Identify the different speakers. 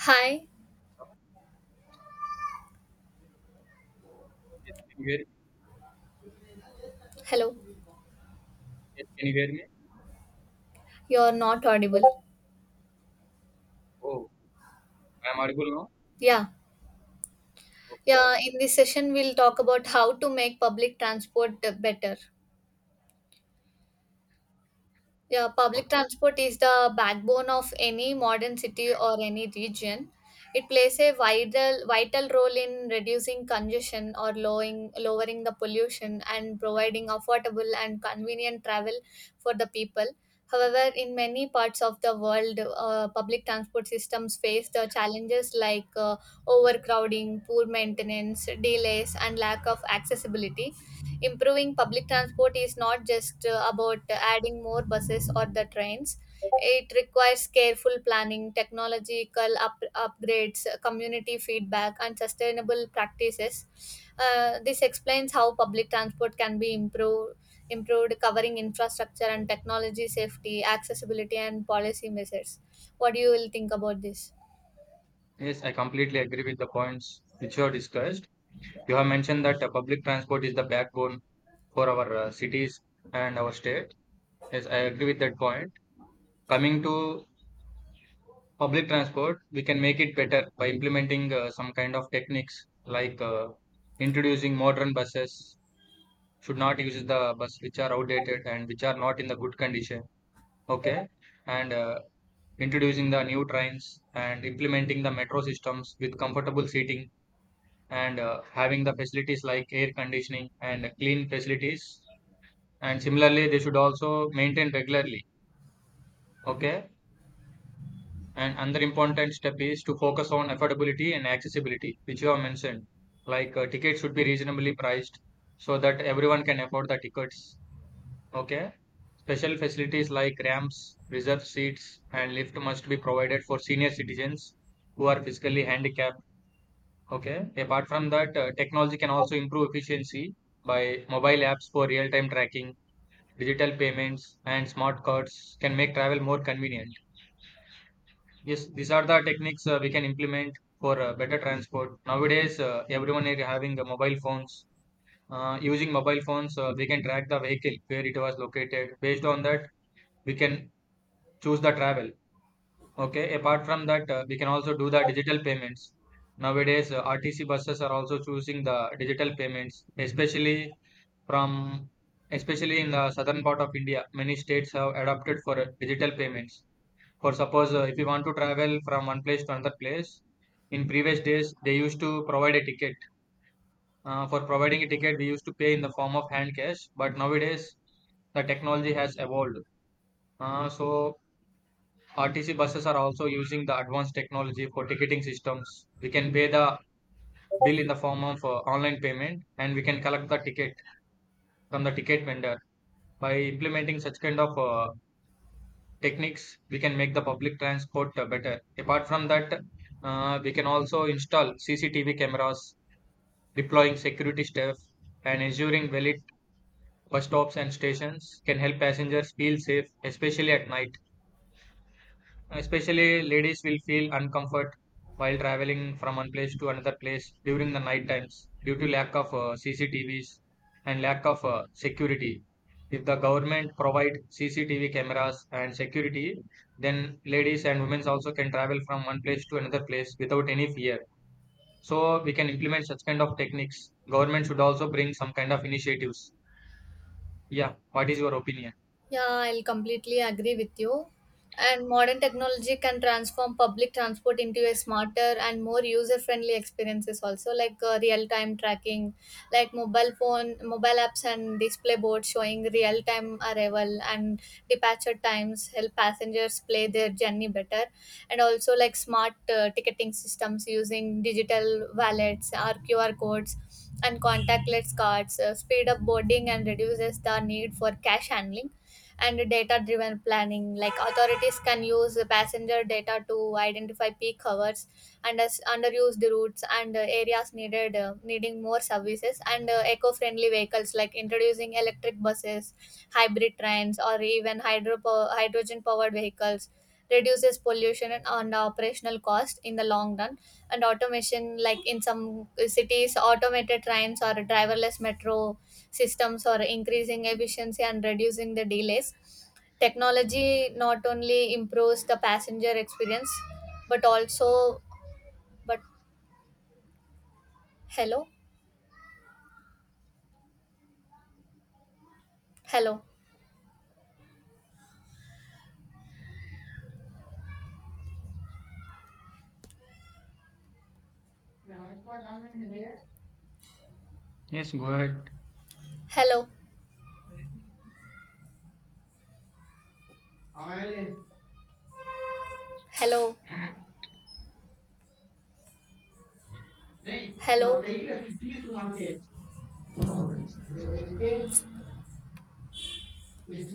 Speaker 1: Hi.
Speaker 2: Yes, can you hear me?
Speaker 1: Hello.
Speaker 2: Yes, can you hear me?
Speaker 1: You're not audible.
Speaker 2: Oh, I am audible now?
Speaker 1: Yeah.
Speaker 2: Okay.
Speaker 1: Yeah, in this session we'll talk about how to make public transport better. Yeah, public
Speaker 2: Okay.
Speaker 1: transport is the backbone of any modern city or any region. It plays a vital role in reducing congestion or lowering the pollution and providing affordable and convenient travel for the people. However, in many parts of the world, public transport systems face the challenges like overcrowding, poor maintenance, delays, and lack of accessibility. Improving public transport is not just about adding more buses or the trains. It requires careful planning, technological upgrades, community feedback, and sustainable practices. Uh, this explains how public transport can be improved, covering infrastructure and technology, safety, accessibility, and policy measures. What do you will think about this?
Speaker 2: Yes, I completely agree with the points which you have discussed. You have mentioned that public transport is the backbone for our cities and our state. Yes, I agree with that point. Coming to public transport, we can make it better by implementing some kind of techniques like introducing modern buses, should not use the bus which are outdated and which are not in the good condition. Okay. And introducing the new trains and implementing the metro systems with comfortable seating and having the facilities like air conditioning and clean facilities, and similarly they should also maintain regularly. Okay. And another important step is to focus on affordability and accessibility, which you have mentioned. Like, tickets should be reasonably priced so that everyone can afford the tickets. Okay. Special facilities like ramps, reserved seats and lift must be provided for senior citizens who are physically handicapped. Okay. Apart from that, technology can also improve efficiency by mobile apps for real-time tracking, digital payments, and smart cards can make travel more convenient. Yes, these are the techniques we can implement for better transport. Nowadays, everyone is having mobile phones. Using mobile phones, we can track the vehicle where it was located. Based on that, we can choose the travel. Okay, apart from that, we can also do the digital payments. Nowadays, RTC buses are also choosing the digital payments, especially from especially in the southern part of India. Many states have adopted for digital payments. For suppose, if you want to travel from one place to another place, in previous days they used to provide a ticket. For providing a ticket, we used to pay in the form of hand cash, but nowadays the technology has evolved. So RTC buses are also using the advanced technology for ticketing systems. We can pay the bill in the form of online payment and we can collect the ticket from the ticket vendor. By implementing such kind of techniques, we can make the public transport better. Apart from that, we can also install CCTV cameras, deploying security staff, and ensuring well-lit bus stops and stations can help passengers feel safe, especially at night. Especially ladies will feel uncomfort while traveling from one place to another place during the night times due to lack of CCTVs and lack of security. If the government provide CCTV cameras and security, then ladies and women also can travel from one place to another place without any fear. So we can implement such kind of techniques. Government should also bring some kind of initiatives. Yeah, what is your opinion?
Speaker 1: Yeah, I'll completely agree with you. And modern technology can transform public transport into a smarter and more user-friendly experiences also, like real-time tracking, like mobile phone, mobile apps and display boards showing real-time arrival and departure times help passengers play their journey better. And also like smart ticketing systems using digital wallets or QR codes and contactless cards speed up boarding and reduces the need for cash handling, and data driven planning, like authorities can use passenger data to identify peak hours and as underused routes and areas needed needing more services, and eco-friendly vehicles like introducing electric buses, hybrid trains, or even hydrogen powered vehicles reduces pollution and operational cost in the long run. And automation, like in some cities automated trains or driverless metro systems are increasing efficiency and reducing the delays. Technology not only improves the passenger experience, but also, but, hello, hello,
Speaker 2: Yes, go
Speaker 1: hello,
Speaker 2: ahead.
Speaker 1: hello,
Speaker 2: Nee, Uma
Speaker 1: hello.
Speaker 2: lei que diz uma vez,